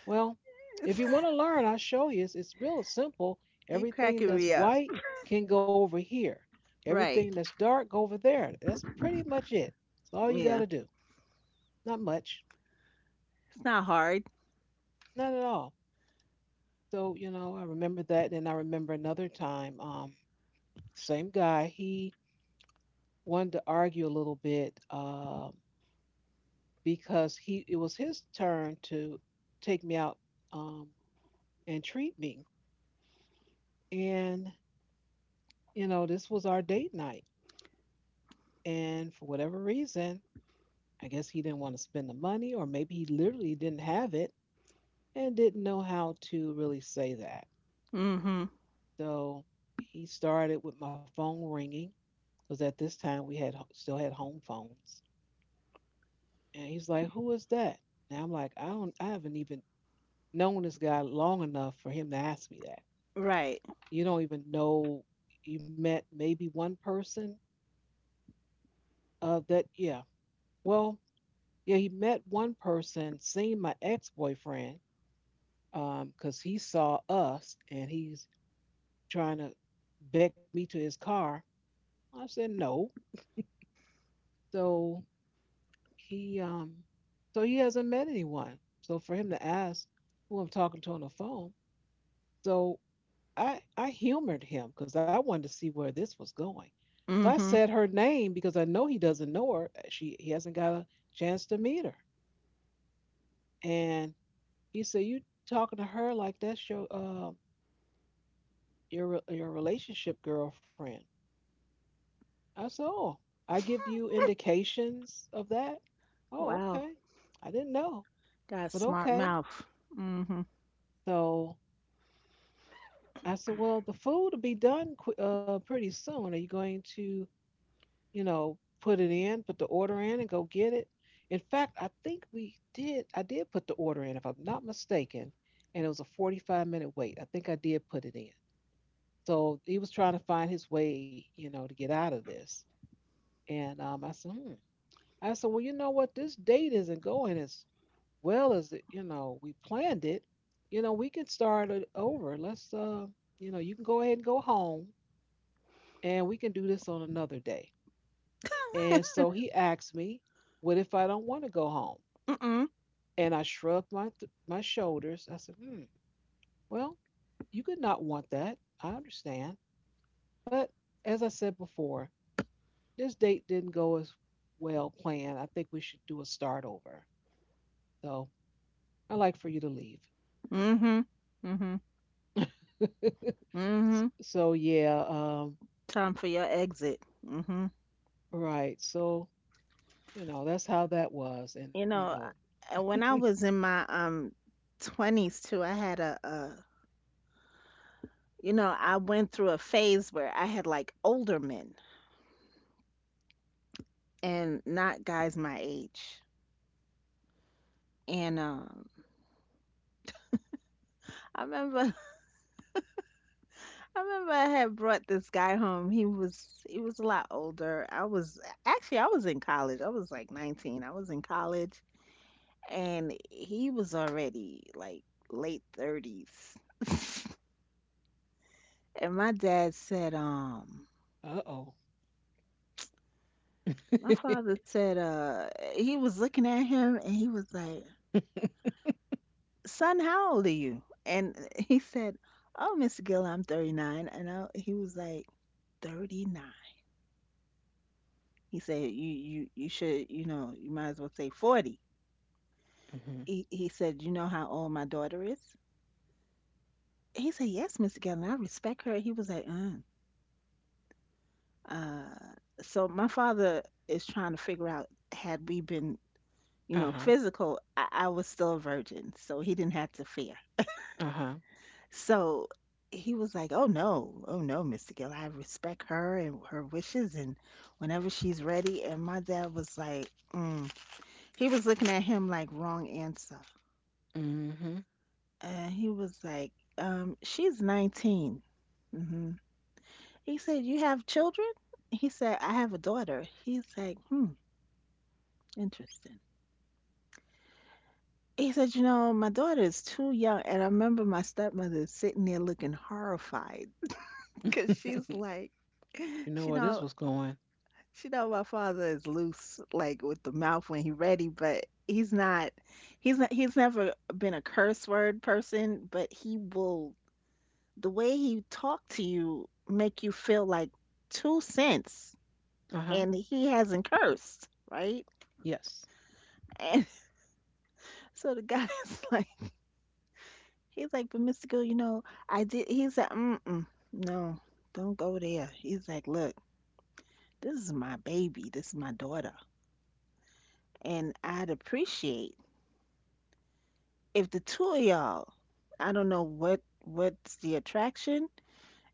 A: Well, if you want to learn, I'll show you. It's, it's real simple.
B: You
A: Everything
B: cracking
A: that's
B: me up.
A: white can go over here.
B: Right.
A: Everything that's dark go over there. That's pretty much it. That's all you got
B: Yeah.
A: to do." Not much.
B: It's not hard.
A: Not at all. So, you know, I remember that. And then I remember another time, um, same guy, he wanted to argue a little bit um, because he it was his turn to take me out um, and treat me. And, you know, this was our date night. And for whatever reason, I guess he didn't want to spend the money, or maybe he literally didn't have it and didn't know how to really say that.
B: Mhm.
A: So he started with my phone ringing because at this time we had still had home phones, and he's like, "Who is that?" And I'm like, "I don't, I haven't even known this guy long enough for him to ask me that.
B: Right.
A: You don't even know, you met maybe one person uh, that, yeah, well, yeah, he met one person, seen my ex boyfriend, um, because he saw us and he's trying to beck me to his car. I said no." So he um so he hasn't met anyone. So for him to ask who I'm talking to on the phone, so I I humored him because I wanted to see where this was going. So I
B: Mhm.
A: said her name because I know he doesn't know her. She he hasn't got a chance to meet her. And he said, "You talking to her like that's your uh your your relationship girlfriend?" That's all. I give you indications of that. Oh,
B: Wow.
A: okay. I didn't know,
B: Got a
A: but
B: smart
A: okay.
B: mouth. Mm-hmm.
A: So I said, well, the food will be done qu- uh, pretty soon. Are you going to, you know, put it in, put the order in, and go get it? In fact, I think we did. I did put the order in, if I'm not mistaken, and it was a forty-five minute wait. I think I did put it in. So he was trying to find his way, you know, to get out of this. And um, I said, hmm. I said, well, you know what? This date isn't going as well as it- you know, we planned it. You know, we can start it over. Let's uh you know, you can go ahead and go home, and we can do this on another day. And so he asked me, what if I don't want to go home?
B: Mm-mm.
A: And I shrugged my th- my shoulders. I said, hmm, well, you could not want that, I understand, but as I said before, this date didn't go as well planned. I think we should do a start over. So I'd like for you to leave.
B: Mm-hmm. Mm-hmm. Mm-hmm.
A: So yeah, um
B: Time for your exit. Mm-hmm.
A: right, so you know, that's how that was. And,
B: You
A: you
B: know,
A: know,
B: I- when I was in my um twenties too, I had a, a you know, I went through a phase where I had like older men and not guys my age. And um I remember (laughs) I remember I had brought this guy home. He was he was a lot older. I was actually I was in college. I was like nineteen. I was in college, and he was already like late thirties. And my dad said, um,
A: uh oh. (laughs)
B: my father said, uh, he was looking at him and he was like, son, how old are you? And (laughs) he said, oh, mister Gill, I'm thirty-nine. And I, he was like, thirty-nine. He said, you, you, you should, you know, you might as well say forty.
A: hmm
B: He, he said, you know how old my daughter is? He said, yes, mister Gill, and I respect her. He was like, uh. Uh, so my father is trying to figure out, had we been,
A: uh
B: you know,
A: huh.
B: physical. I, I was still a virgin, so he didn't have to fear.
A: Uh huh.
B: So he was like, oh no, oh no, mister Gill, I respect her and her wishes, and whenever she's ready. And my dad was like, mm. He was looking at him like, wrong answer.
A: Mm
B: And he was like, um, she's nineteen. hmm He said, you have children? He said, I have a daughter. He's like, hmm, interesting. He said, you know, my daughter is too young. And I remember my stepmother sitting there looking horrified (laughs) because
A: hmm.
B: she's like,
A: (laughs) you
B: (laughs)
A: know where
B: she
A: this was
B: know,
A: going.
B: she know my father is loose, like with the mouth when he ready. But he's not, he's not, he's never been a curse word person, but he will, the way he talk to you make you feel like two cents,
A: Uh huh.
B: and he hasn't cursed, right?
A: Yes.
B: And (laughs) so the guy is (laughs) like, he's like, but mister Gill, you know, I did. He's like, mm-mm, no, don't go there. He's like, look, this is my baby. This is my daughter. And I'd appreciate, if the two of y'all, I don't know what what's the attraction.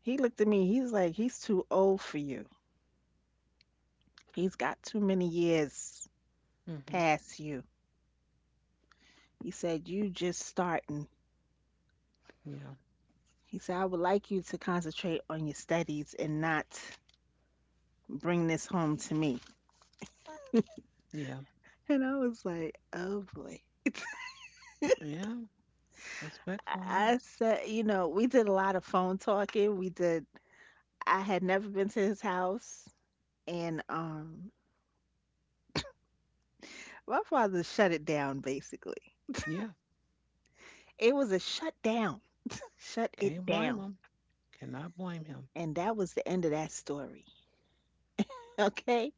B: He looked at me. He's like, he's too old for you. He's got too many years
A: Mm hmm.
B: past you. He said, you just starting.
A: Yeah.
B: He said, I would like you to concentrate on your studies and not bring this home to me.
A: Yeah.
B: And I was like, oh boy.
A: Yeah. Respectful. Yeah.
B: I said, you know, we did a lot of phone talking. We did, I had never been to his house. And um, my father shut it down basically.
A: Yeah.
B: It was a shutdown. Shut it
A: Can't blame
B: down.
A: him. Cannot blame him.
B: And that was the end of that story. (laughs) Okay?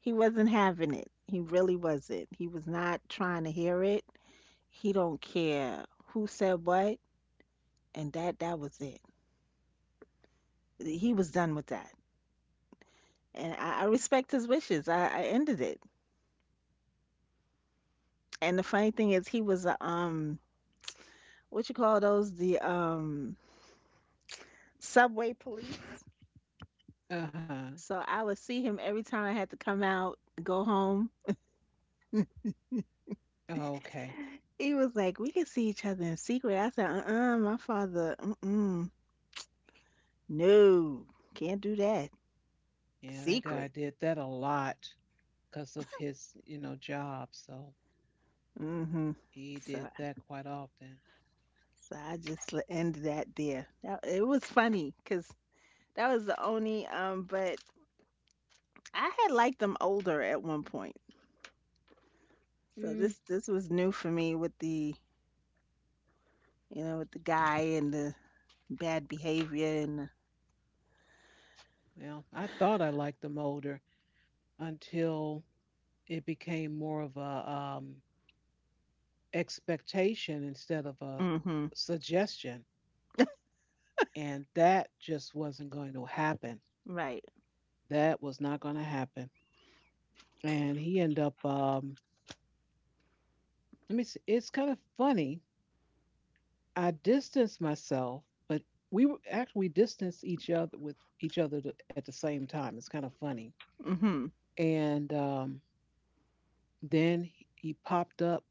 B: He wasn't having it. He really wasn't. He was not trying to hear it. He don't care who said what, and that that was it. He was done with that. And I, I respect his wishes. I, I ended it. And the funny thing is, he was a um what you call those, the um subway police.
A: Uh huh.
B: So I would see him every time I had to come out, go home.
A: Okay.
B: He was like, we can see each other in secret. I said, uh-uh, my father, mm-mm. No. Can't do that.
A: Yeah, that guy
B: Secret.
A: did that a lot because of his, you know, job. So
B: Mm-hmm.
A: he
B: So,
A: did that quite often.
B: so I just l- ended that there. That, it was funny because that was the only um but I had liked them older at one point, so this
A: Mm,
B: this was new for me with the, you know, with the guy and the bad behavior and,
A: well, I thought I liked him older, until it became more of a um, expectation instead of a
B: mm-hmm.
A: suggestion. And that just wasn't going to happen.
B: Right.
A: That was not going to happen. And he ended up, um, let me see, it's kind of funny. I distanced myself, but we were, actually we distanced each other with each other at the same time. It's kind of funny.
B: Mm-hmm.
A: And um, then he popped up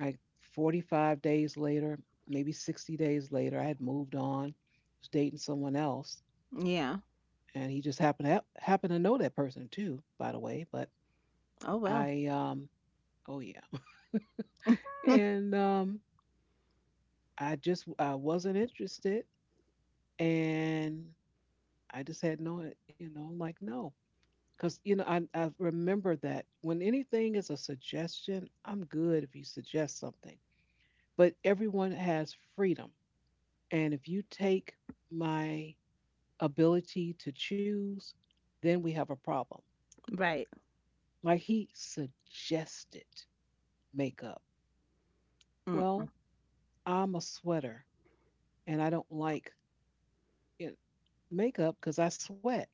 A: like forty-five days later, maybe sixty days later. I had moved on, was dating someone else,
B: Yeah.
A: and he just happened to hap- happened to know that person too, by the way. But
B: Oh well.
A: I, um, oh yeah, and um, I just, I wasn't interested, and I just had no, you know, I'm like, no, because you know, I I remember that when anything is a suggestion, I'm good. If you suggest something, but everyone has freedom, and if you take my ability to choose, then we have a problem.
B: Right.
A: Like he suggested makeup. Well,
B: Mm.
A: I'm a sweater and I don't like it, makeup, because I sweat.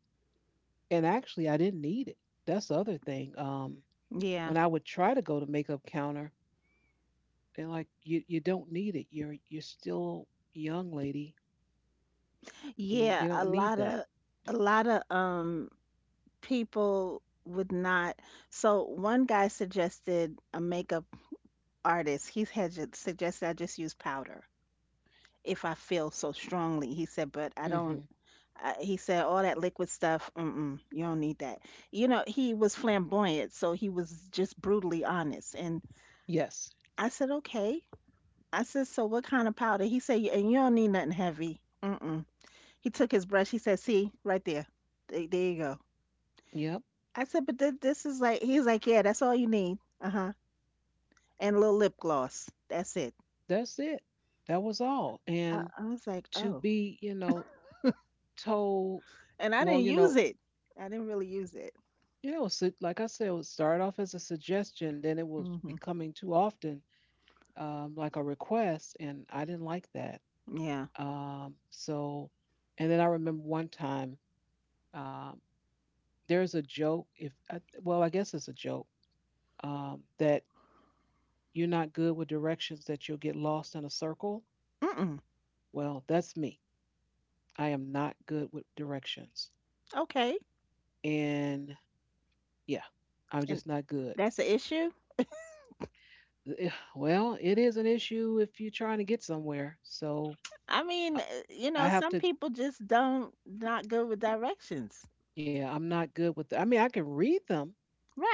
A: And actually, I didn't need it. That's the other thing. Um, when
B: Yeah.
A: I would try to go to makeup counter, they're like, "You you don't need it. You're you're still young, lady. You
B: yeah,
A: you
B: a
A: don't need
B: lot
A: that."
B: of a lot of um people would not. So one guy suggested a makeup artist. He had ju- suggested I just use powder if I feel so strongly. He said, but I don't.
A: Hmm.
B: I, he said all that liquid stuff. Mm-mm, you don't need that. You know, he was flamboyant, so he was just brutally honest. And
A: Yes.
B: I said, okay. I said, so what kind of powder? He said, "Y- and you don't need nothing heavy. Mm-mm. He took his brush. He said, see, right there. There, there you go.
A: Yep.
B: I said, but th- this is like, he's like, yeah, that's all you need. Uh-huh. And a little lip gloss. That's it.
A: That's it. That was all.
B: I,
A: And
B: I was like,
A: to
B: oh.
A: be, you know, told,
B: And I
A: well,
B: didn't
A: you know,
B: use it. I didn't really use it.
A: you know, so like I said, it would start off as a suggestion, then it was
B: Mm hmm.
A: becoming too often, um, like a request, and I didn't like that.
B: Yeah.
A: Um, so, and then I remember one time, um, there's a joke. If I, well, I guess it's a joke um, that you're not good with directions, that you'll get lost in a circle.
B: Mm-mm.
A: Well, that's me. I am not good with directions,
B: Okay.
A: and yeah, I'm
B: And
A: just not good.
B: that's the issue?
A: Eh, (sighs) well, it is an issue if you're trying to get somewhere. So
B: I mean, uh,
A: I
B: you know,
A: I have
B: some
A: to,
B: people just don't, not good with directions.
A: yeah, I'm not good with, I mean, I can read them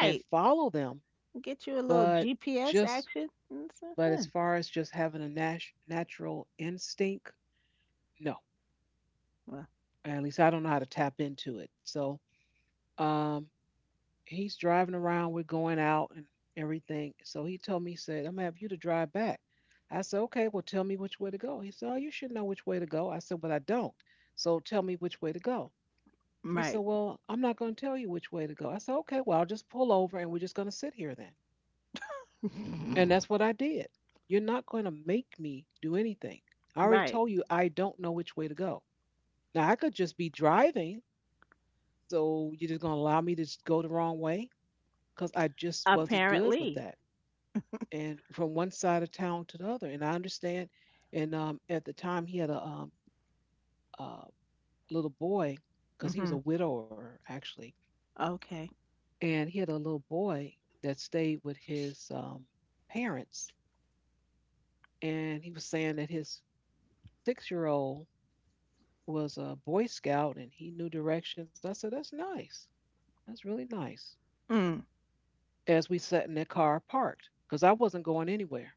A: and follow them,
B: Get you a little
A: but
B: G P S
A: just,
B: action. It's, uh,
A: but
B: huh.
A: as far as just having a nat- natural instinct, no.
B: Well,
A: At least I don't know how to tap into it. So um, he's driving around, we're going out and everything. So he told me, he said, "I'm going to have you to drive back." I said, "Okay, well, tell me which way to go." He said, "Oh, you should know which way to go." I said, "But I don't. So tell me which way to go." He said,
B: right.
A: "Well, I'm not going to tell you which way to go." I said, "Okay, well, I'll just pull over and we're just going to sit here then." And
B: (laughs)
A: that's what I did. "You're not going to make me do anything. I already
B: Right.
A: told you I don't know which way to go. Now, I could just be driving. So you're just going to allow me to just go the wrong way?" Because I just wasn't good with
B: Apparently.
A: that. And from one side of town to the other. And I understand. And um, at the time, he had a, um, a little boy, because he was
B: Mhm.
A: a widower, actually,
B: Okay.
A: and he had a little boy that stayed with his um, parents, and he was saying that his six year old was a boy scout and he knew directions. I said, that's nice. That's really nice.
B: Mm.
A: As we sat in that car parked, because I wasn't going anywhere,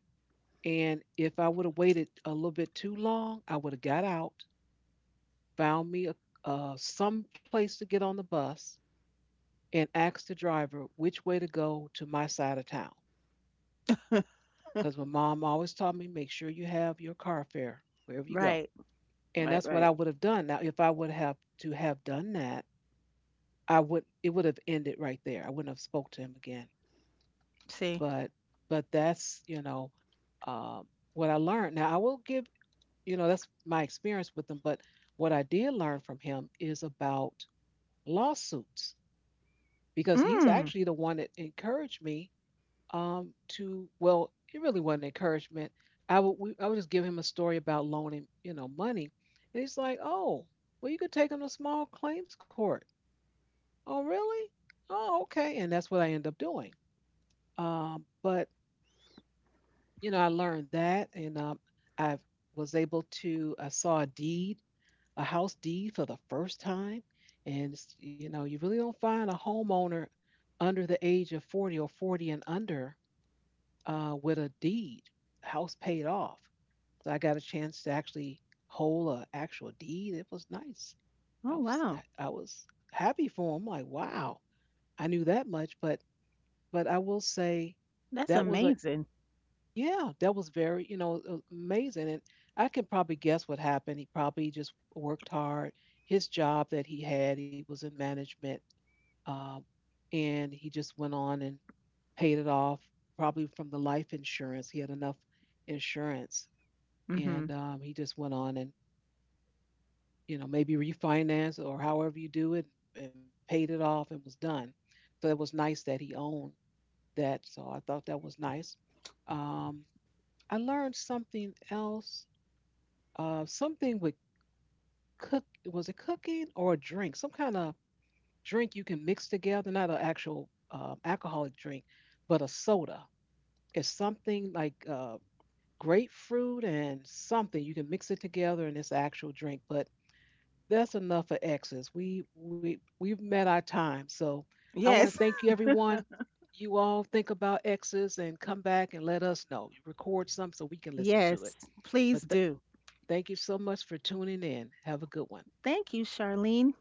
A: and if I would have waited a little bit too long, I would have got out, found me a, uh, some place to get on the bus, and asked the driver which way to go to my side of town. Because my mom always taught me, make sure you have your car fare wherever
B: (laughs)
A: you go.
B: Right.
A: And
B: Right,
A: that's what I
B: right.
A: would have done. Now, if I would have to have done that, I would, it would have ended right there. I wouldn't have spoke to him again.
B: See?
A: But but that's, you know, um, what I learned. Now I will give, you know, that's my experience with him. But what I did learn from him is about lawsuits, because he's
B: Mm.
A: actually the one that encouraged me, um, to, well, it really wasn't encouragement. I would, we, I would just give him a story about loaning, you know, money, and he's like, "Oh, well, you could take him to small claims court." Oh, really? Oh, okay. And that's what I end up doing. Um, but you know, I learned that, and um, I was able to. I saw a deed, a house deed, for the first time, and it's- you know, you really don't find a homeowner under the age of forty, or forty and under uh, with a deed. House paid off, so I got a chance to actually hold a actual deed. It was nice.
B: Oh,
A: I
B: wow.
A: was, I was happy for him. Like, wow, I knew that much, but but I will say
B: That's
A: that was a,
B: amazing.
A: yeah, that was very, you know, a- amazing. And I can probably guess what happened. He probably just worked hard. His job that he had, he was in management, um, and he just went on and paid it off, probably from the life insurance. He had enough insurance, and
B: Mhm.
A: um, he just went on and, you know, maybe refinance, or however you do it, and paid it off and was done. So it was nice that he owned that. So I thought that was nice. Um, I learned something else. Uh, something with cook was it cooking or a drink? Some kind of drink you can mix together, not an actual uh, alcoholic drink, but a soda. It's something like uh, grapefruit and something. You can mix it together in this actual drink, but that's enough for X's. We we we've met our time. So I want to
B: Yes.
A: thank you everyone. You all think about X's and come back and let us know. You record some so we
B: (laughs)
A: can listen to it.
B: Yes. Please
A: But th-
B: do.
A: thank you so much for tuning in. Have a good one.
B: Thank you, Charlene.